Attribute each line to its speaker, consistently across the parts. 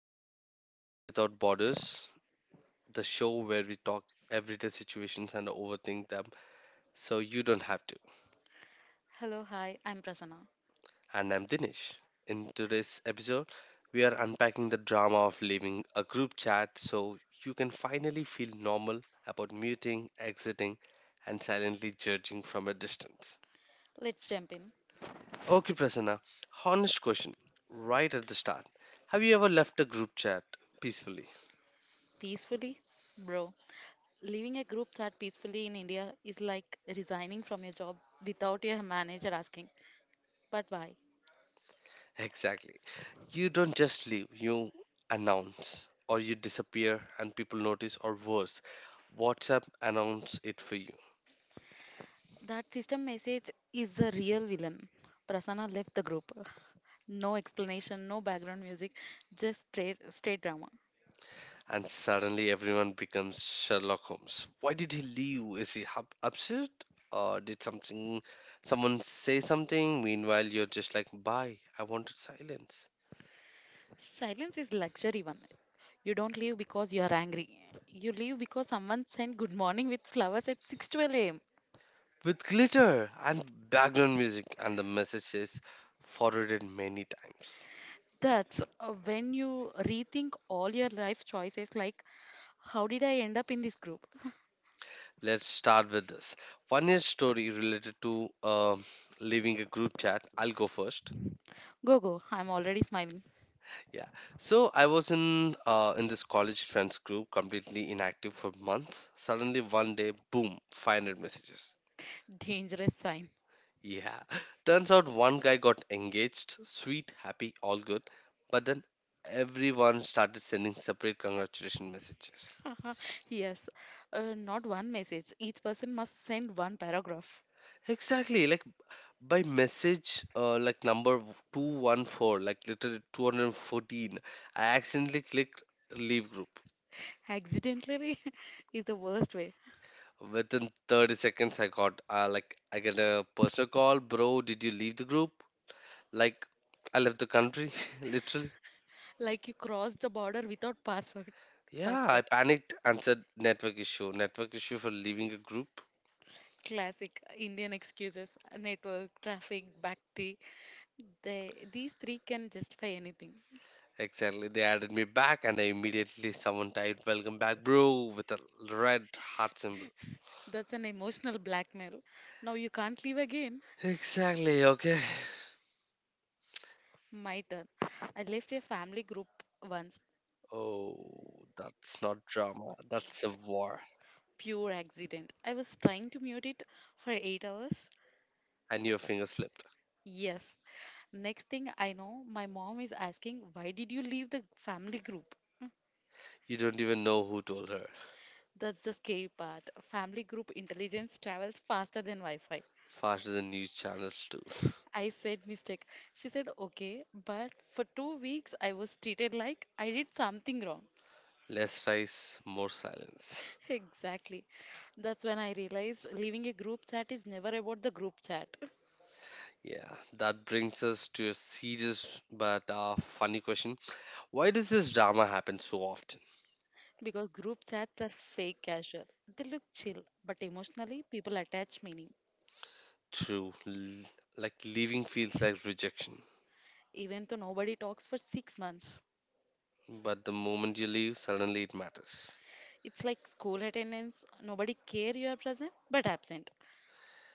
Speaker 1: listening to Chatting Without Borders, the show where we talk everyday situations and overthink them so you don't have to.
Speaker 2: Hello, hi, I'm Prasanna.
Speaker 1: And I'm Dinesh. In today's episode, we are unpacking the drama of leaving a group chat so you can finally feel normal about muting, exiting, and silently judging from a distance.
Speaker 2: Let's jump in.
Speaker 1: Okay, Prasanna, honest question right at the start. Have you ever left a group chat peacefully?
Speaker 2: Peacefully? Bro, leaving a group chat peacefully in India is like resigning from your job without your manager asking, but why?
Speaker 1: Exactly. You don't just leave, you announce, or you disappear and people notice, or worse, WhatsApp announce it for you.
Speaker 2: That system message is the real villain. Prasanna left the group. No explanation, no background music, just straight drama.
Speaker 1: And suddenly everyone becomes Sherlock Holmes. Why did he leave? Is he upset or did something, someone say something? Meanwhile, you're just like, "Bye, I wanted silence."
Speaker 2: Silence is luxury one. You don't leave because you are angry. You leave because someone sent good morning with flowers at 6:12 a.m.
Speaker 1: With glitter and background music, and the message is forwarded many times.
Speaker 2: That's when you rethink all your life choices like, how did I end up in this group?
Speaker 1: Let's start with this. One funniest story related to leaving a group chat. I'll go first.
Speaker 2: Go, go, I'm already smiling.
Speaker 1: Yeah. So I was in this college friends group, completely inactive for months. Suddenly one day, boom, 500 messages.
Speaker 2: Dangerous sign.
Speaker 1: Yeah. Turns out one guy got engaged. Sweet, happy, all good. But then everyone started sending separate congratulation messages.
Speaker 2: Yes, not one message. Each person must send one paragraph.
Speaker 1: Exactly. Like by message like number 214, like literally 214, I accidentally clicked leave group.
Speaker 2: Accidentally is the worst way.
Speaker 1: Within 30 seconds I got like, I get a personal call. Bro, did you leave the group? Like, I left the country. Literally.
Speaker 2: Like you cross the border without password.
Speaker 1: Yeah, I
Speaker 2: Passport.
Speaker 1: panicked and said network issue, network issue for leaving a group.
Speaker 2: Classic Indian excuses: network, traffic, bhakti. These three can justify anything.
Speaker 1: Exactly, they added me back and I immediately someone typed, "Welcome back bro" with a red heart symbol.
Speaker 2: That's an emotional blackmail. Now you can't leave again.
Speaker 1: Exactly. Okay.
Speaker 2: My turn. I left a family group once.
Speaker 1: Oh, that's not drama. That's a war.
Speaker 2: Pure accident. I was trying to mute it for 8 hours.
Speaker 1: And your finger slipped.
Speaker 2: Yes. Next thing I know, my mom is asking, "Why did you leave the family group?"
Speaker 1: You don't even know who told her.
Speaker 2: That's the scary part. Family group intelligence travels faster than Wi Fi.
Speaker 1: Faster than news channels do.
Speaker 2: I said mistake. She said, "Okay, but for 2 weeks I was treated like I did something wrong."
Speaker 1: Less rice, more silence.
Speaker 2: Exactly. That's when I realized leaving a group chat is never about the group chat.
Speaker 1: Yeah, that brings us to a serious but funny question. Why does this drama happen so often?
Speaker 2: Because group chats are fake casual. They look chill, but emotionally, people attach meaning,
Speaker 1: True. Like leaving feels like rejection.
Speaker 2: even though nobody talks for 6 months.
Speaker 1: But the moment you leave, suddenly it matters.
Speaker 2: It's like school attendance, nobody care you are present but absent.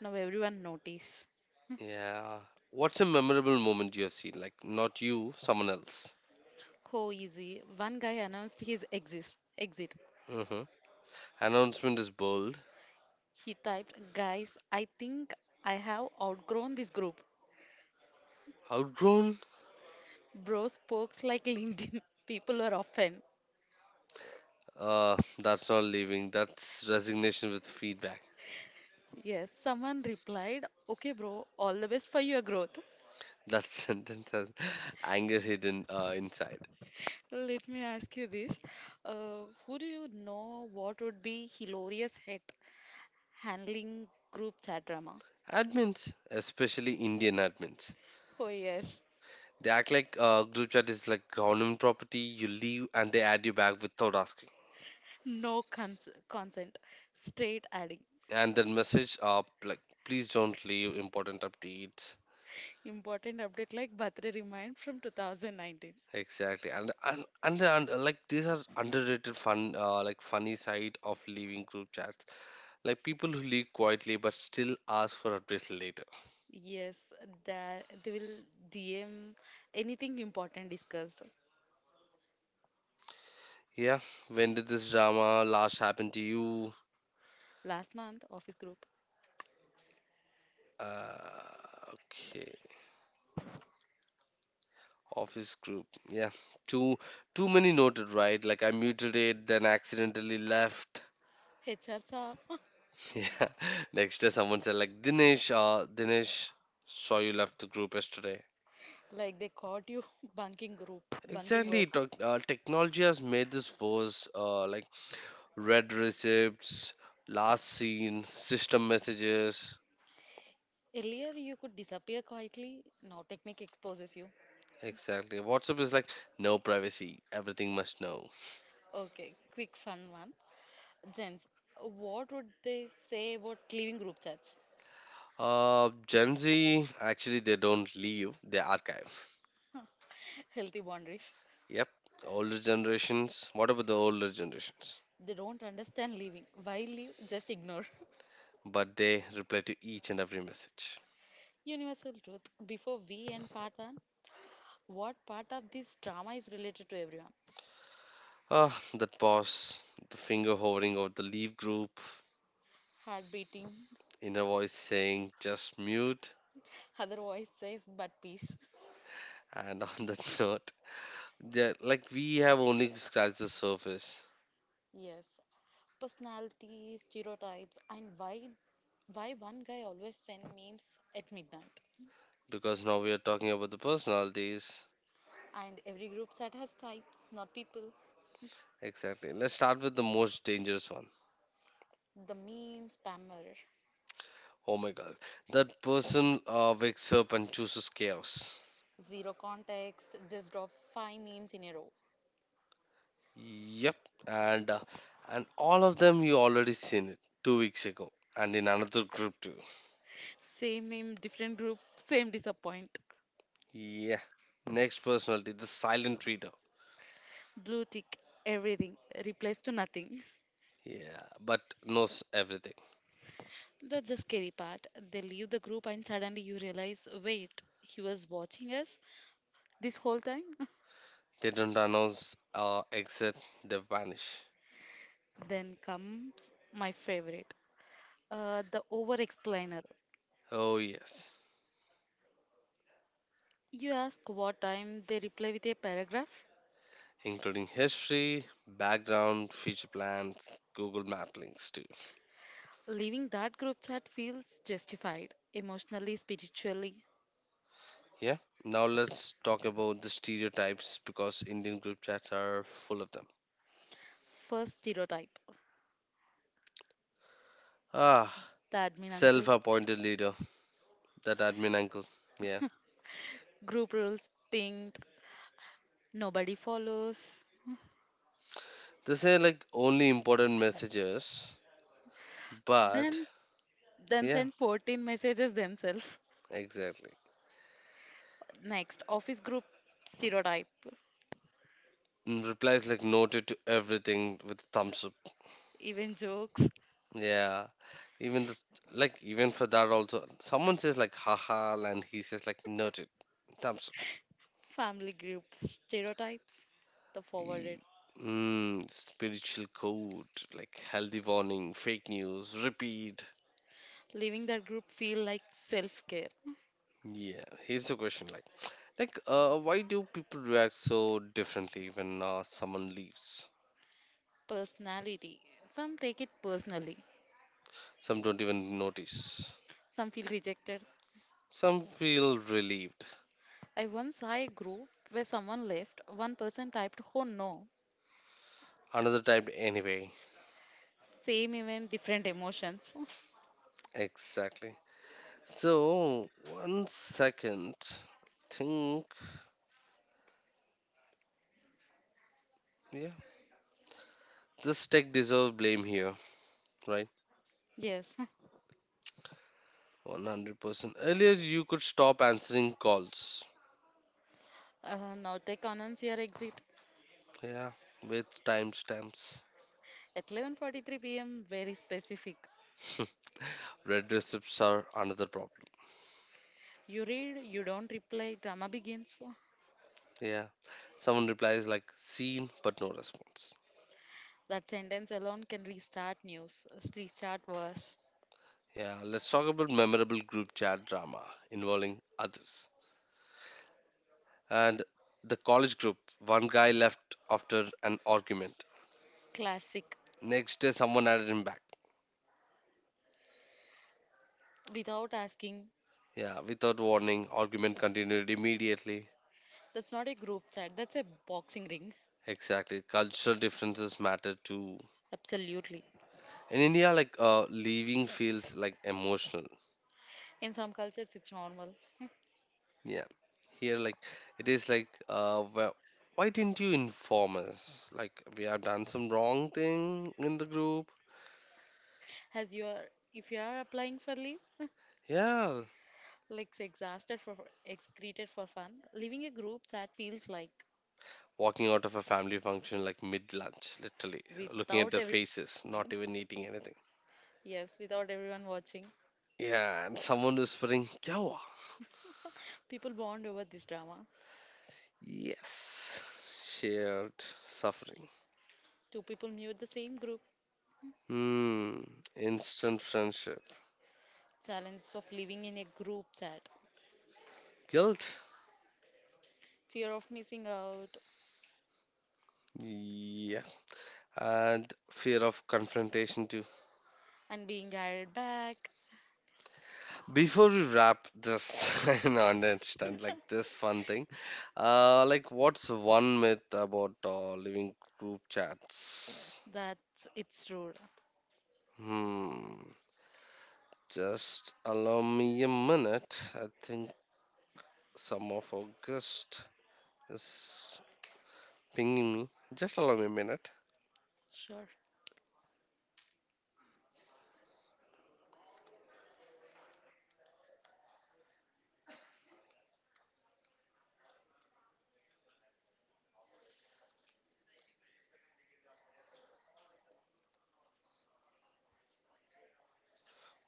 Speaker 2: Now everyone notice.
Speaker 1: Yeah. What's a memorable moment you have seen? Like, not you, someone else.
Speaker 2: Oh, easy. One guy announced his exit.
Speaker 1: Hmm. Announcement is bold.
Speaker 2: He typed, "Guys, I think I have outgrown this group."
Speaker 1: Outgrown?
Speaker 2: Bro spokes like LinkedIn. People were often.
Speaker 1: That's not leaving. That's resignation with feedback.
Speaker 2: Yes, someone replied, "Okay, bro, all the best for your growth."
Speaker 1: That sentence has anger hidden inside.
Speaker 2: Let me ask you this. Who do you know what would be hilarious at handling group chat drama?
Speaker 1: Admins, especially Indian admins,
Speaker 2: Oh, yes.
Speaker 1: they act like group chat is like government property. You leave and they add you back without asking.
Speaker 2: No consent. Straight adding.
Speaker 1: And then message up like, "Please don't leave important updates."
Speaker 2: Important update like birthday remind from 2019.
Speaker 1: Exactly, and like these are underrated fun, like funny side of leaving group chats. Like people who leave quietly but still ask for updates later.
Speaker 2: Yes, that they will DM anything important discussed.
Speaker 1: Yeah, when did this drama last happen to you?
Speaker 2: Last month, office group.
Speaker 1: Okay, office group. Yeah, too too many noted, right? Like I muted it, then accidentally left.
Speaker 2: HRs.
Speaker 1: Yeah, next day someone said, like, "Dinesh, Dinesh, saw you left the group yesterday."
Speaker 2: Like they caught you bunking group, bunking
Speaker 1: Exactly.
Speaker 2: work.
Speaker 1: Technology has made this worse. Like red receipts, last seen, system messages.
Speaker 2: Earlier, you could disappear quietly. Now, technique exposes you.
Speaker 1: Exactly. WhatsApp is like no privacy. Everything must know.
Speaker 2: Okay, quick fun one. Gents, what would they say about leaving group chats?
Speaker 1: Gen Z, actually they don't leave. They archive.
Speaker 2: Healthy boundaries.
Speaker 1: Yep. Older generations. What about the older generations?
Speaker 2: They don't understand leaving. Why leave? Just ignore.
Speaker 1: But they reply to each and every message.
Speaker 2: Universal truth. Before we end part one, what part of this drama is related to everyone?
Speaker 1: Ah, that pause. The finger hovering over the leave group.
Speaker 2: Heart beating.
Speaker 1: Inner voice saying just mute.
Speaker 2: Other voice says, but peace.
Speaker 1: And on that note, yeah, like we have only scratched the surface
Speaker 2: Yes, personality, stereotypes, and why one guy always send memes at midnight.
Speaker 1: because now we are talking about the personalities.
Speaker 2: And every group chat has types, not people.
Speaker 1: Exactly. Let's start with the most dangerous one.
Speaker 2: The meme spammer,
Speaker 1: Oh my god. That person wakes up and chooses chaos.
Speaker 2: zero context, just drops five memes in a row.
Speaker 1: Yep. And uh, and all of them you already seen it 2 weeks ago and in another group too.
Speaker 2: Same meme, different group, same disappoint.
Speaker 1: Yeah. Next personality, the silent reader.
Speaker 2: Blue tick, everything, replaced to nothing.
Speaker 1: Yeah, but knows everything.
Speaker 2: That's the scary part. They leave the group and suddenly you realize, wait, he was watching us this whole time?
Speaker 1: They don't announce or exit, they vanish.
Speaker 2: Then comes my favorite. The over explainer.
Speaker 1: Oh yes.
Speaker 2: You ask what time, they reply with a paragraph.
Speaker 1: Including history, background, future plans, Google Map links too.
Speaker 2: Leaving that group chat feels justified, emotionally, spiritually.
Speaker 1: Yeah. Now let's talk about the stereotypes because Indian group chats are full of them.
Speaker 2: First stereotype,
Speaker 1: Ah,
Speaker 2: the admin uncle.
Speaker 1: self-appointed leader, that admin uncle. Yeah.
Speaker 2: Group rules pinged, nobody follows.
Speaker 1: They say like only important messages, but
Speaker 2: Then, then
Speaker 1: yeah,
Speaker 2: send 14 messages themselves.
Speaker 1: exactly.
Speaker 2: Next, office group stereotype.
Speaker 1: And replies like noted to everything with thumbs up.
Speaker 2: Even jokes,
Speaker 1: Yeah. Even this, like even for that also, someone says like haha and he says like noted, thumbs up.
Speaker 2: family groups, stereotypes, the forwarded.
Speaker 1: E- Mm, spiritual code, like healthy warning, fake news, repeat.
Speaker 2: Leaving that group feel like self care.
Speaker 1: Yeah, here's the question, like, why do people react so differently when someone leaves?
Speaker 2: Personality. Some take it personally,
Speaker 1: Some don't even notice.
Speaker 2: some feel rejected.
Speaker 1: Some feel relieved.
Speaker 2: I once saw a group where someone left, one person typed, "Oh no,"
Speaker 1: Another type anyway.
Speaker 2: same event, different emotions.
Speaker 1: Exactly. So, one second. Think, yeah, this tech deserves blame here, right?
Speaker 2: Yes.
Speaker 1: 100%. Earlier, you could stop answering calls.
Speaker 2: Now take announce your exit
Speaker 1: Yeah, with timestamps.
Speaker 2: at 11:43 p.m. Very specific.
Speaker 1: Red receipts are another problem.
Speaker 2: You read, you don't reply, drama begins.
Speaker 1: Yeah, someone replies like seen but no response.
Speaker 2: That sentence alone can restart wars.
Speaker 1: Yeah, let's talk about memorable group chat drama involving others. And the college group, one guy left after an argument.
Speaker 2: Classic.
Speaker 1: Next day, someone added him back.
Speaker 2: Without asking,
Speaker 1: Yeah, without warning, argument continued immediately.
Speaker 2: that's not a group chat, that's a boxing ring.
Speaker 1: Exactly, cultural differences matter too.
Speaker 2: Absolutely.
Speaker 1: In India, like leaving feels like emotional.
Speaker 2: In some cultures, it's normal.
Speaker 1: Yeah, here like it is like, why didn't you inform us? Like we have done some wrong thing in the group.
Speaker 2: As you are, if you are applying for leave,
Speaker 1: Yeah,
Speaker 2: like say, exhausted for excreted for fun, leaving a group chat feels like
Speaker 1: walking out of a family function like mid lunch, literally looking at
Speaker 2: without
Speaker 1: their
Speaker 2: everyone
Speaker 1: faces, not
Speaker 2: watching.
Speaker 1: even eating anything.
Speaker 2: Yes, without everyone watching,
Speaker 1: Yeah, and someone whispering, "Kya hua?"
Speaker 2: people bond over this drama.
Speaker 1: Yes, shared suffering.
Speaker 2: Two people mute the same group.
Speaker 1: Hmm, instant friendship,
Speaker 2: Challenges of living in a group chat,
Speaker 1: guilt.
Speaker 2: fear of missing out
Speaker 1: Yeah, and fear of confrontation too.
Speaker 2: and being added back.
Speaker 1: Before we wrap this and understand like this fun thing, like what's one myth about living group chats?
Speaker 2: That's it's rude.
Speaker 1: Hmm. Just allow me a minute. I think some of our guest is pinging me. Just allow me a minute.
Speaker 2: Sure,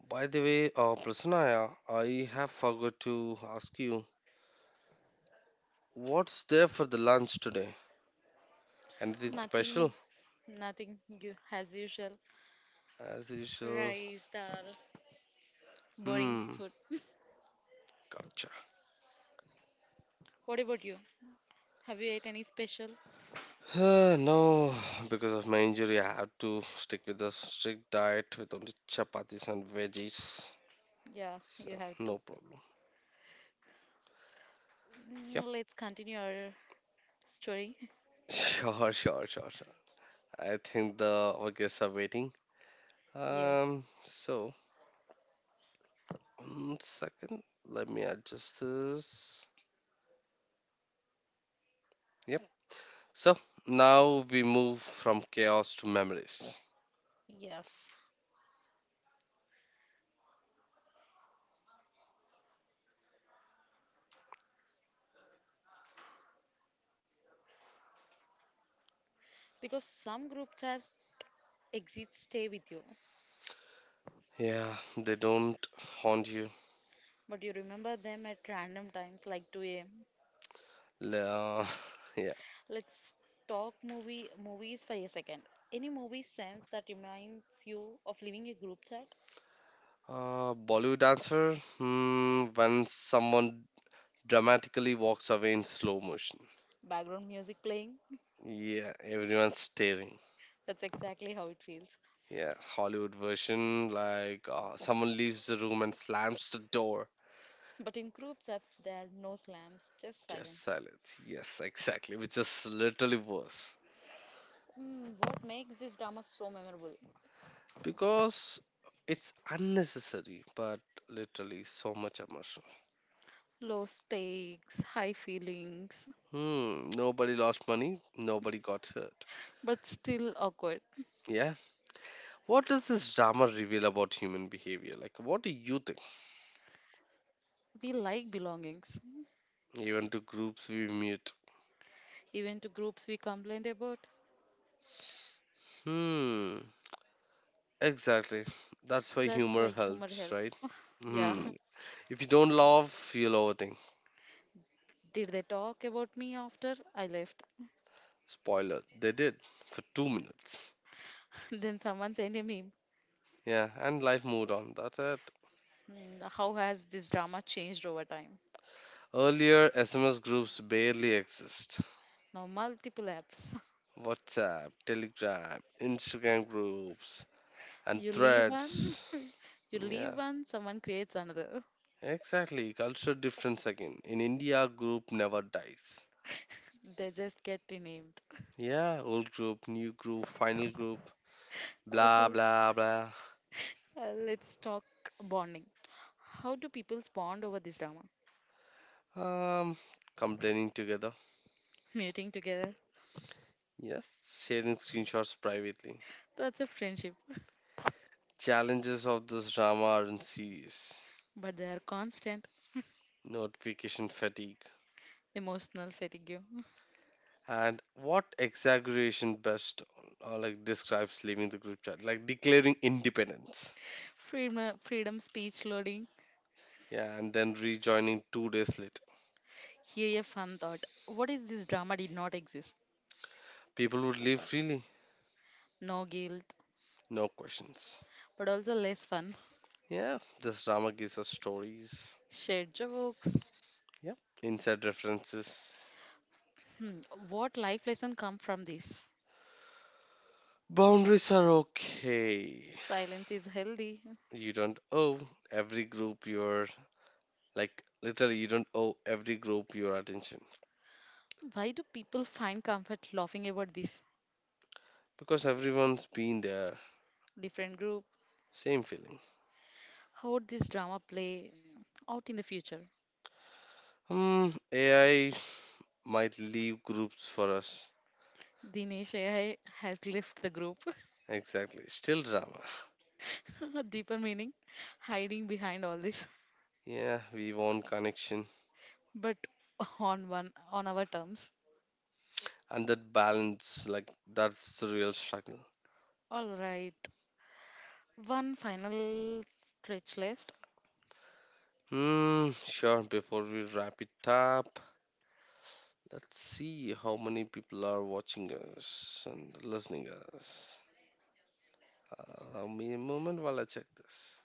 Speaker 1: By the way, Prasanaya, I have forgot to ask you, what's there for the lunch today? Anything
Speaker 2: nothing,
Speaker 1: special?
Speaker 2: nothing as usual.
Speaker 1: As usual.
Speaker 2: Rice, dal, boring
Speaker 1: Hmm.
Speaker 2: food.
Speaker 1: Gotcha.
Speaker 2: What about you? Have you ate any special?
Speaker 1: No, because of my injury, I have to stick with a strict diet with only chapatis and veggies.
Speaker 2: Yeah, you
Speaker 1: So,
Speaker 2: have
Speaker 1: no
Speaker 2: to.
Speaker 1: problem.
Speaker 2: Mm,
Speaker 1: Yep.
Speaker 2: let's continue our story.
Speaker 1: Sure, sure, sure, sure. I think the organs are waiting.
Speaker 2: Yes,
Speaker 1: Um, so, one second. Let me adjust this. Yep. So, now we move from chaos to memories.
Speaker 2: yes. Because some group chats exits stay with you,
Speaker 1: Yeah, they don't haunt you.
Speaker 2: but you remember them at random times like 2 a.m.
Speaker 1: Le- Uh, yeah.
Speaker 2: Let's talk movies for a second. Any movie sense that reminds you of leaving a group chat?
Speaker 1: Bollywood dancer. Hmm, when someone dramatically walks away in slow motion.
Speaker 2: Background music playing?
Speaker 1: Yeah, everyone's staring.
Speaker 2: That's exactly how it feels.
Speaker 1: Yeah, Hollywood version like someone leaves the room and slams the door.
Speaker 2: But in group chats, there are no slams, just
Speaker 1: Just
Speaker 2: silence.
Speaker 1: silence. Yes, exactly. Which is literally worse
Speaker 2: Hmm, what makes this drama so memorable?
Speaker 1: because it's unnecessary, but literally so much emotion.
Speaker 2: Low stakes, high feelings,
Speaker 1: Hmm. Nobody lost money. Nobody got hurt.
Speaker 2: but still awkward.
Speaker 1: Yeah. What does this drama reveal about human behavior? Like, what do you think?
Speaker 2: We like belongings,
Speaker 1: Even to groups we meet.
Speaker 2: even to groups we complained about.
Speaker 1: Hmm. Exactly. That's why
Speaker 2: That's
Speaker 1: humor
Speaker 2: why humor
Speaker 1: helps, right?
Speaker 2: helps. Yeah.
Speaker 1: Hmm. If you don't laugh, you'll overthink.
Speaker 2: Did they talk about me after I left?
Speaker 1: Spoiler, they did for 2 minutes.
Speaker 2: Then someone sent a meme.
Speaker 1: Yeah, and life moved on. That's it.
Speaker 2: Hmm, how has this drama changed over time?
Speaker 1: Earlier, SMS groups barely exist.
Speaker 2: Now, multiple apps.
Speaker 1: WhatsApp, Telegram, Instagram groups, and
Speaker 2: You leave one,
Speaker 1: threads.
Speaker 2: you leave
Speaker 1: Yeah,
Speaker 2: one, someone creates another.
Speaker 1: exactly. Culture difference again. In India, group never dies.
Speaker 2: They just get renamed.
Speaker 1: Yeah, old group, new group, final group, blah blah blah.
Speaker 2: Let's talk bonding. How do people bond over this drama?
Speaker 1: Um, complaining together.
Speaker 2: Muting together.
Speaker 1: Yes, sharing screenshots privately.
Speaker 2: That's a friendship.
Speaker 1: Challenges of this drama aren't serious.
Speaker 2: But they are constant
Speaker 1: Notification fatigue.
Speaker 2: emotional fatigue.
Speaker 1: And what exaggeration best or like describes leaving the group chat? Like declaring independence.
Speaker 2: Freedom speech loading.
Speaker 1: Yeah, and then rejoining 2 days later.
Speaker 2: Here a fun thought. What is this drama did not exist?
Speaker 1: People would leave freely,
Speaker 2: No guilt,
Speaker 1: no questions.
Speaker 2: but also less fun.
Speaker 1: Yeah, this drama gives us stories.
Speaker 2: Shared jokes.
Speaker 1: Yeah, inside references.
Speaker 2: Hmm, what life lesson come from this?
Speaker 1: Boundaries are okay.
Speaker 2: Silence is healthy.
Speaker 1: You don't owe every group your, like, literally you don't owe every group your attention
Speaker 2: Why do people find comfort laughing about this
Speaker 1: because everyone's been there,
Speaker 2: different group?
Speaker 1: same feeling.
Speaker 2: How would this drama play out in the future?
Speaker 1: Hmm. AI might leave groups for us.
Speaker 2: Dinesh AI has left the group.
Speaker 1: Exactly, still drama.
Speaker 2: Deeper meaning, hiding behind all this,
Speaker 1: Yeah, we want connection,
Speaker 2: but on one on our terms.
Speaker 1: and that balance, like that's the real struggle.
Speaker 2: All right, one final stretch left.
Speaker 1: Hmm, sure. Before we wrap it up, let's see how many people are watching us and listening us. Allow me a moment while I check this.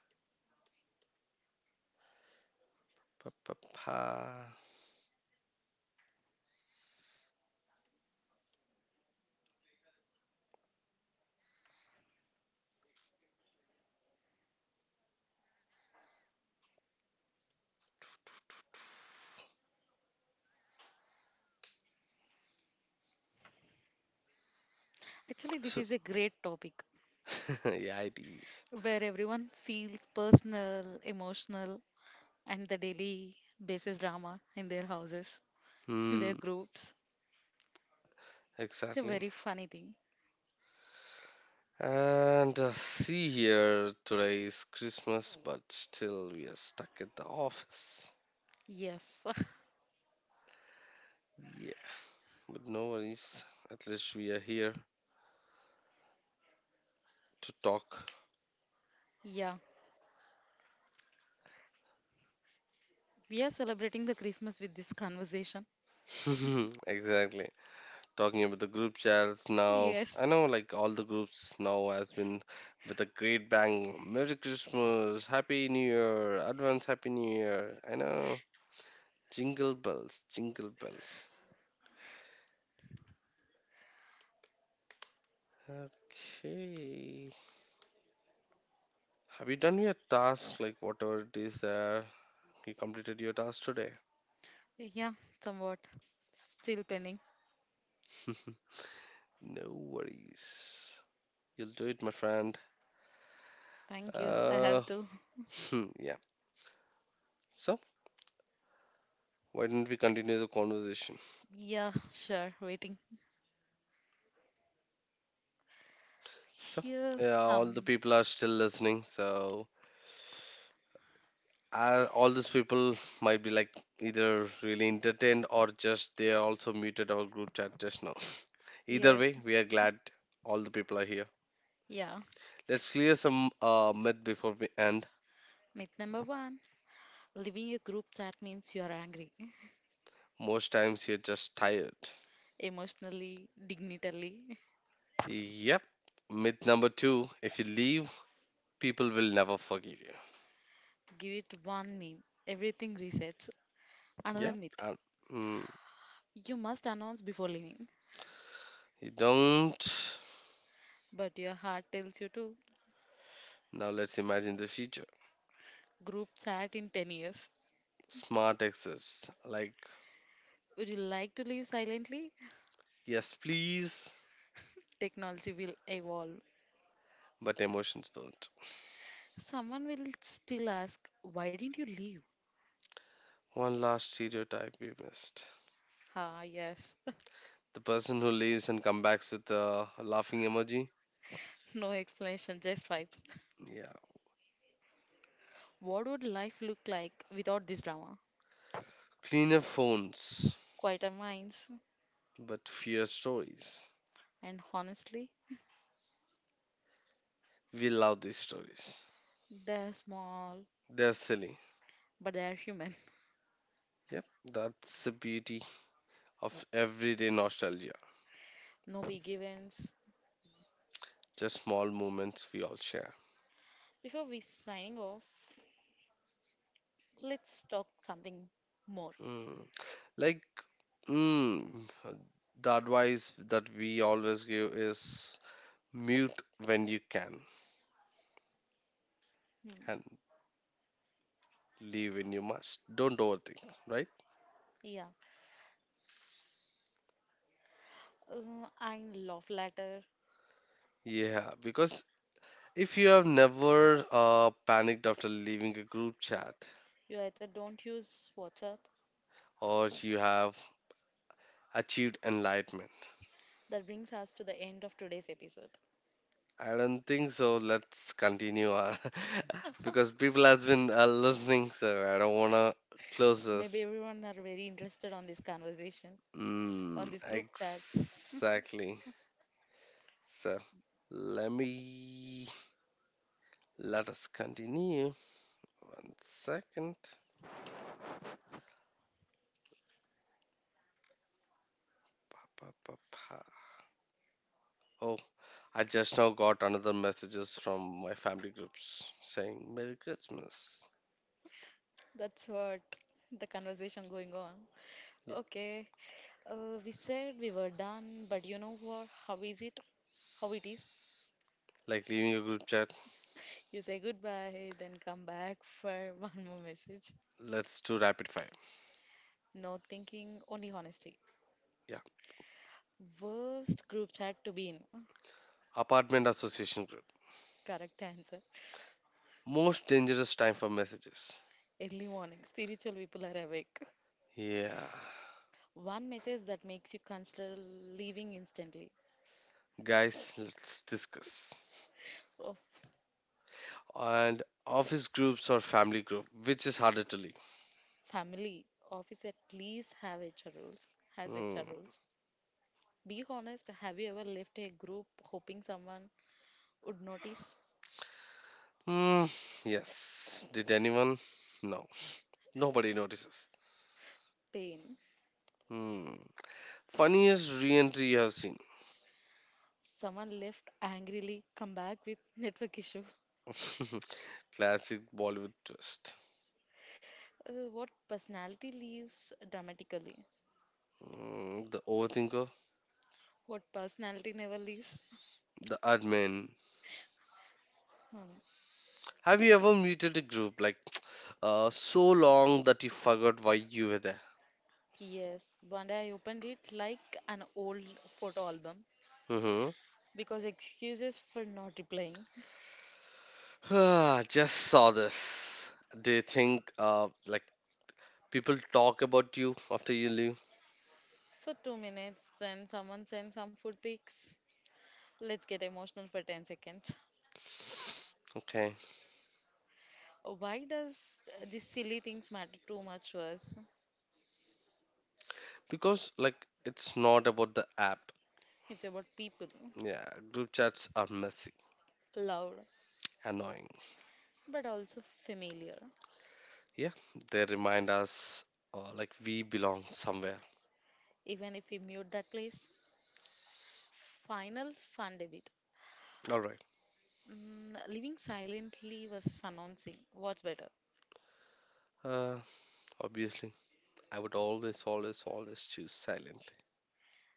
Speaker 1: Pa-pa-pa.
Speaker 2: Actually, this
Speaker 1: So,
Speaker 2: is a great topic
Speaker 1: yeah, it is.
Speaker 2: where everyone feels personal, emotional, and the daily basis drama in their houses, in their
Speaker 1: Hmm,
Speaker 2: groups. It's a
Speaker 1: exactly.
Speaker 2: very funny thing.
Speaker 1: And see here, today is Christmas, but still we are stuck at the office.
Speaker 2: Yes,
Speaker 1: Yeah, but no worries. At least we are here to talk.
Speaker 2: yeah, we are celebrating the Christmas with this conversation.
Speaker 1: Exactly. Talking about the group chats now.
Speaker 2: Yes.
Speaker 1: I know, like all the groups now has been with a great bang. Merry Christmas, Happy New Year, Advance Happy New Year. I know. Jingle bells, jingle bells. Okay. Have you done your task? Like whatever it is there, you completed your task today.
Speaker 2: Yeah, somewhat. Still pending.
Speaker 1: No worries. You'll do it, my friend.
Speaker 2: Thank you. I
Speaker 1: Uh,
Speaker 2: have to.
Speaker 1: yeah. So, why don't we continue the conversation?
Speaker 2: Yeah, sure. Waiting.
Speaker 1: So,
Speaker 2: Here's
Speaker 1: yeah, all the
Speaker 2: some.
Speaker 1: people are still listening. So, all these people might be like either really entertained or just they also muted our group chat just now. Either
Speaker 2: Yes.
Speaker 1: way, we are glad all the people are here.
Speaker 2: Yeah.
Speaker 1: Let's clear some myth before we end.
Speaker 2: Myth number one. Leaving a group chat means you are angry.
Speaker 1: Most times you're just tired.
Speaker 2: Emotionally, dignitally.
Speaker 1: Yep. Myth number two, if you leave, people will never forgive you.
Speaker 2: Give it one meme. Everything resets.
Speaker 1: Yep.
Speaker 2: Another myth.
Speaker 1: Um, mm,
Speaker 2: You must announce before leaving.
Speaker 1: you don't.
Speaker 2: But your heart tells you to.
Speaker 1: Now let's imagine the future.
Speaker 2: Group chat in 10 years.
Speaker 1: Smart exits. Like,
Speaker 2: Would you like to leave silently?
Speaker 1: yes, please,
Speaker 2: Technology will evolve.
Speaker 1: but emotions don't.
Speaker 2: Someone will still ask, "Why didn't you leave?"
Speaker 1: One last stereotype we missed.
Speaker 2: Ah, yes.
Speaker 1: The person who leaves and comes back with a laughing emoji.
Speaker 2: No explanation, just vibes.
Speaker 1: Yeah.
Speaker 2: What would life look like without this drama?
Speaker 1: Cleaner phones,
Speaker 2: Quieter minds,
Speaker 1: but fewer stories.
Speaker 2: and honestly,
Speaker 1: We love these stories.
Speaker 2: they're small,
Speaker 1: They're silly.
Speaker 2: but they're human.
Speaker 1: Yep, that's the beauty of everyday nostalgia.
Speaker 2: No big events.
Speaker 1: Just small moments we all share.
Speaker 2: Before we signing off, let's talk something more.
Speaker 1: Mm. Like, mm, the advice that we always give is mute when you can and
Speaker 2: Hmm.
Speaker 1: leave when you must. Don't overthink, right?
Speaker 2: Yeah. I'm love letter.
Speaker 1: Yeah, because if you have never panicked after leaving a group chat
Speaker 2: You either don't use WhatsApp.
Speaker 1: or you have achieved enlightenment,
Speaker 2: That brings us to the end of today's episode.
Speaker 1: I don't think so. Let's continue because people has been listening, so I don't wanna close
Speaker 2: Maybe
Speaker 1: this.
Speaker 2: everyone are very interested on this conversation, on
Speaker 1: Mm,
Speaker 2: these group chats.
Speaker 1: exactly. So let me let us continue. One second. Pa, pa, pa, pa. Oh, I just now got another messages from my family groups saying Merry Christmas.
Speaker 2: That's what the conversation going on.
Speaker 1: Yeah,
Speaker 2: Okay, we said we were done, but you know what? How is it? How it is?
Speaker 1: like leaving a group chat.
Speaker 2: You say goodbye, then come back for one more message.
Speaker 1: Let's do rapid fire.
Speaker 2: No thinking, only honesty.
Speaker 1: Yeah,
Speaker 2: Worst group chat to be in.
Speaker 1: apartment association group.
Speaker 2: Correct answer.
Speaker 1: Most dangerous time for messages.
Speaker 2: Early morning. Spiritual people are awake.
Speaker 1: Yeah.
Speaker 2: One message that makes you consider leaving instantly.
Speaker 1: Guys, let's discuss.
Speaker 2: Oh,
Speaker 1: And office groups or family group, which is harder to leave?
Speaker 2: family, office at least have HR rules. Has HR
Speaker 1: Hmm.
Speaker 2: rules. Be honest, have you ever left a group hoping someone would notice
Speaker 1: Hmm. Yes. Did anyone? No. Nobody notices.
Speaker 2: pain?
Speaker 1: Hmm. Funniest re-entry you have seen.
Speaker 2: Someone left angrily, come back with network issue.
Speaker 1: Classic Bollywood twist.
Speaker 2: What personality leaves dramatically?
Speaker 1: Mm, the overthinker,
Speaker 2: What personality never leaves?
Speaker 1: the admin. Have you ever muted a group like so long that you forgot why you were there?
Speaker 2: Yes, one day I opened it like an old photo album
Speaker 1: Mhm.
Speaker 2: because excuses for not replying.
Speaker 1: Just saw this. Do you think like people talk about you after you leave?
Speaker 2: For 2 minutes, then someone sent some food pics. Let's get emotional for 10 seconds.
Speaker 1: Okay.
Speaker 2: Why does these silly things matter too much to us?
Speaker 1: Because like it's not about the app.
Speaker 2: It's about people,
Speaker 1: Yeah, group chats are messy,
Speaker 2: loud,
Speaker 1: annoying.
Speaker 2: but also familiar,
Speaker 1: Yeah, they remind us like we belong somewhere.
Speaker 2: even if we mute that place. Final fun debate.
Speaker 1: All right.
Speaker 2: Mm, living silently versus announcing. What's better?
Speaker 1: Uh, obviously, I would always, always, always choose silently.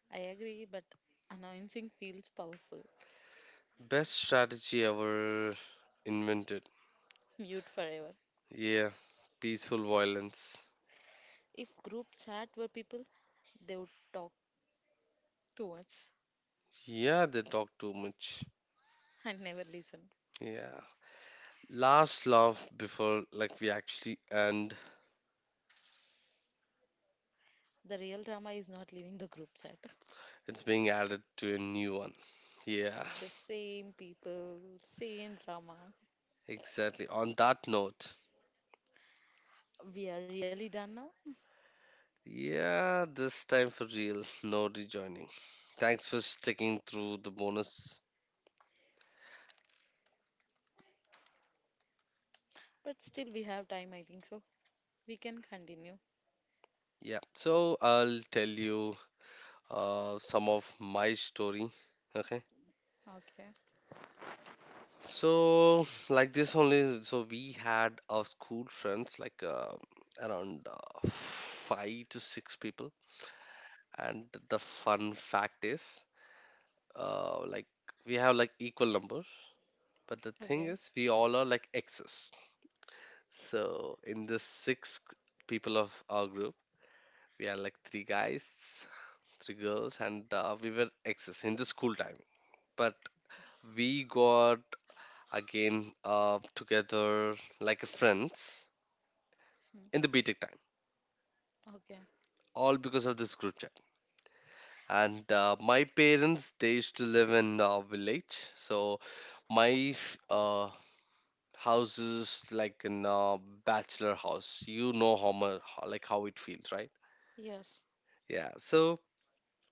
Speaker 2: I agree, but announcing feels powerful.
Speaker 1: Best strategy ever invented.
Speaker 2: Mute forever.
Speaker 1: Yeah, peaceful violence.
Speaker 2: If group chat were people, they would talk too much
Speaker 1: Yeah, they talk too much.
Speaker 2: and never listen.
Speaker 1: Yeah. Last laugh before like we actually end,
Speaker 2: The real drama is not leaving the group chat.
Speaker 1: it's being added to a new one. Yeah,
Speaker 2: The same people, same drama.
Speaker 1: exactly. On that note,
Speaker 2: We are really done now,
Speaker 1: yeah, this time for real, no rejoining. Thanks for sticking through the bonus.
Speaker 2: but still we have time, I think so. We can continue.
Speaker 1: Yeah, so I'll tell you some of my story. Okay,
Speaker 2: Okay.
Speaker 1: so like this only. So we had our school friends, like around five to six people, and the fun fact is like we have like equal numbers, but the
Speaker 2: Okay.
Speaker 1: thing is we all are like exes. So in the six people of our group, we are like three guys, three girls, and we were exes in the school time, but we got again together like friends
Speaker 2: Hmm.
Speaker 1: in the btech time,
Speaker 2: Okay.
Speaker 1: all because of this group chat. And my parents, they used to live in a village, so my f- uh, houses like in a bachelor house. You know how much like how it feels, right?
Speaker 2: Yes.
Speaker 1: Yeah, so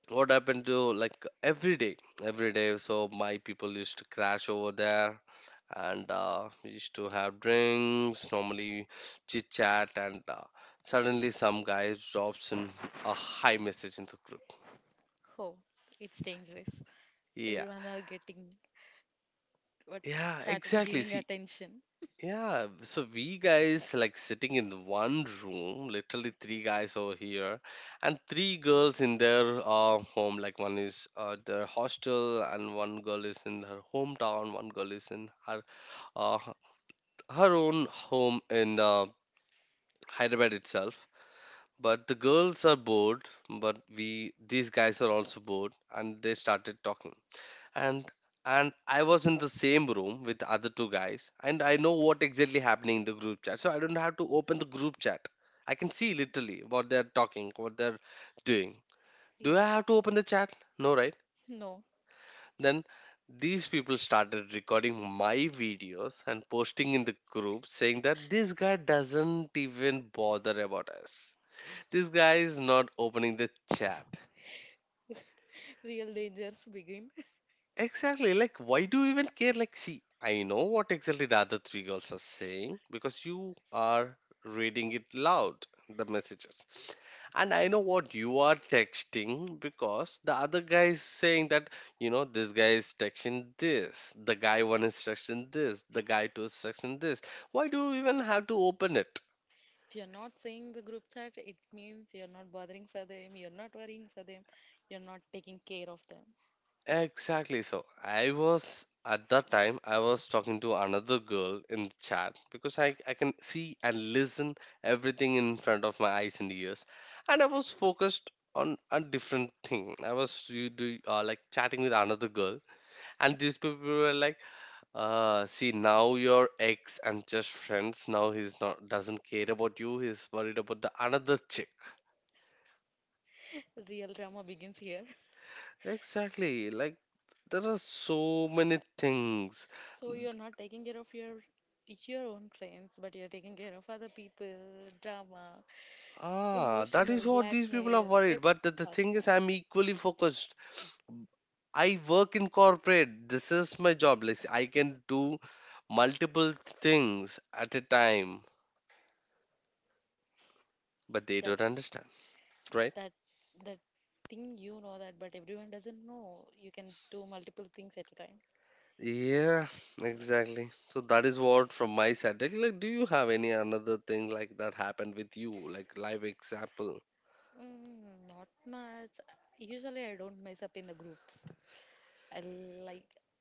Speaker 1: what happened to like every day, so my people used to crash over there, and we used to have drinks normally, chit chat, and suddenly some guy drops in a high message in the group.
Speaker 2: Oh, it's dangerous.
Speaker 1: Yeah,
Speaker 2: Everyone are getting what
Speaker 1: yeah,
Speaker 2: started
Speaker 1: exactly,
Speaker 2: giving
Speaker 1: see.
Speaker 2: attention.
Speaker 1: Yeah, so we guys like sitting in one room, literally three guys over here, and three girls in their home. Like one is their hostel, and one girl is in her hometown, one girl is in her uh, her own home in Hyderabad itself. But the girls are bored, but we these guys are also bored, and they started talking, and and I was in the same room with the other two guys, and I know what exactly happening in the group chat, so I don't have to open the group chat. I can see literally what they're talking, what they're doing. Do
Speaker 2: Yes.
Speaker 1: I have to open the chat? No, right?
Speaker 2: No,
Speaker 1: Then these people started recording my videos and posting in the group, saying that this guy doesn't even bother about us, this guy is not opening the chat.
Speaker 2: real dangers begin.
Speaker 1: Exactly. Like, why do you even care? Like, see, I know what exactly the other three girls are saying because you are reading it loud, the messages. And I know what you are texting because the other guy is saying that, you know, this guy is texting this, the guy one is texting this, the guy two is texting this. Why do you even have to open it?
Speaker 2: If you're not seeing the group chat, it means you're not bothering for them, you're not worrying for them, you're not taking care of them.
Speaker 1: Exactly. So I was, at that time I was talking to another girl in the chat because I can see and listen everything in front of my eyes and ears, and I was focused on a different thing. I was you do like chatting with another girl, and these people were like, see now your ex and just friends. Now he's not doesn't care about you. He's worried about the another chick.
Speaker 2: Real drama begins here.
Speaker 1: Exactly. Like there are so many things.
Speaker 2: So you're not taking care of your own friends, but you're taking care of other people, drama,
Speaker 1: Ah, that
Speaker 2: emotional
Speaker 1: is what these people are
Speaker 2: blackmail, it
Speaker 1: worried. But the
Speaker 2: starts
Speaker 1: thing
Speaker 2: now.
Speaker 1: is, I'm equally focused. I work in corporate. This is my job. Like I can do multiple things at a time, but they
Speaker 2: That's
Speaker 1: don't understand, right?
Speaker 2: that that thing you know that, but everyone doesn't know. You can do multiple things at a time.
Speaker 1: Yeah, exactly. So that is what from my side. Like, do you have any another thing like that happened with you, like live example?
Speaker 2: Mm, not much. Usually, I don't mess up in the groups. I like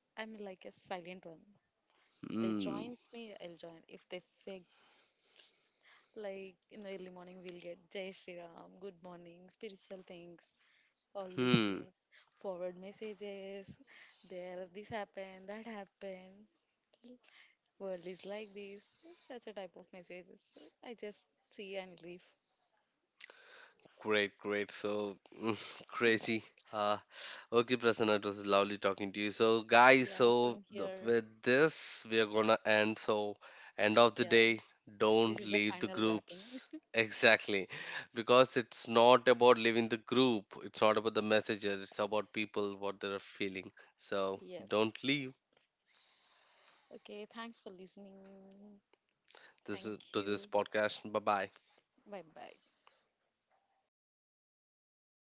Speaker 2: I'm like a silent one. If they
Speaker 1: Hmm.
Speaker 2: joins me, I'll join. If they say like in the early morning, we'll get Jai Shri Ram, good morning, spiritual things, all these things,
Speaker 1: Hmm.
Speaker 2: forward messages. There, this happened, that happened. World is like this. Such a type of messages. I just see and leave.
Speaker 1: Great, great. So mm, crazy. Uh, okay, Prasanna, it was lovely talking to you. So, guys,
Speaker 2: Yeah, same
Speaker 1: so
Speaker 2: here.
Speaker 1: with this, we are gonna end. So, end of the
Speaker 2: Yeah,
Speaker 1: day,
Speaker 2: this is
Speaker 1: don't
Speaker 2: the
Speaker 1: leave
Speaker 2: final
Speaker 1: the
Speaker 2: wrapping.
Speaker 1: groups. Exactly, because it's not about leaving the group. It's not about the messages. It's about people, what they are feeling. So,
Speaker 2: Yes.
Speaker 1: don't leave.
Speaker 2: Okay, thanks for listening. Thank
Speaker 1: This is to
Speaker 2: you.
Speaker 1: this podcast. Bye bye.
Speaker 2: Bye bye.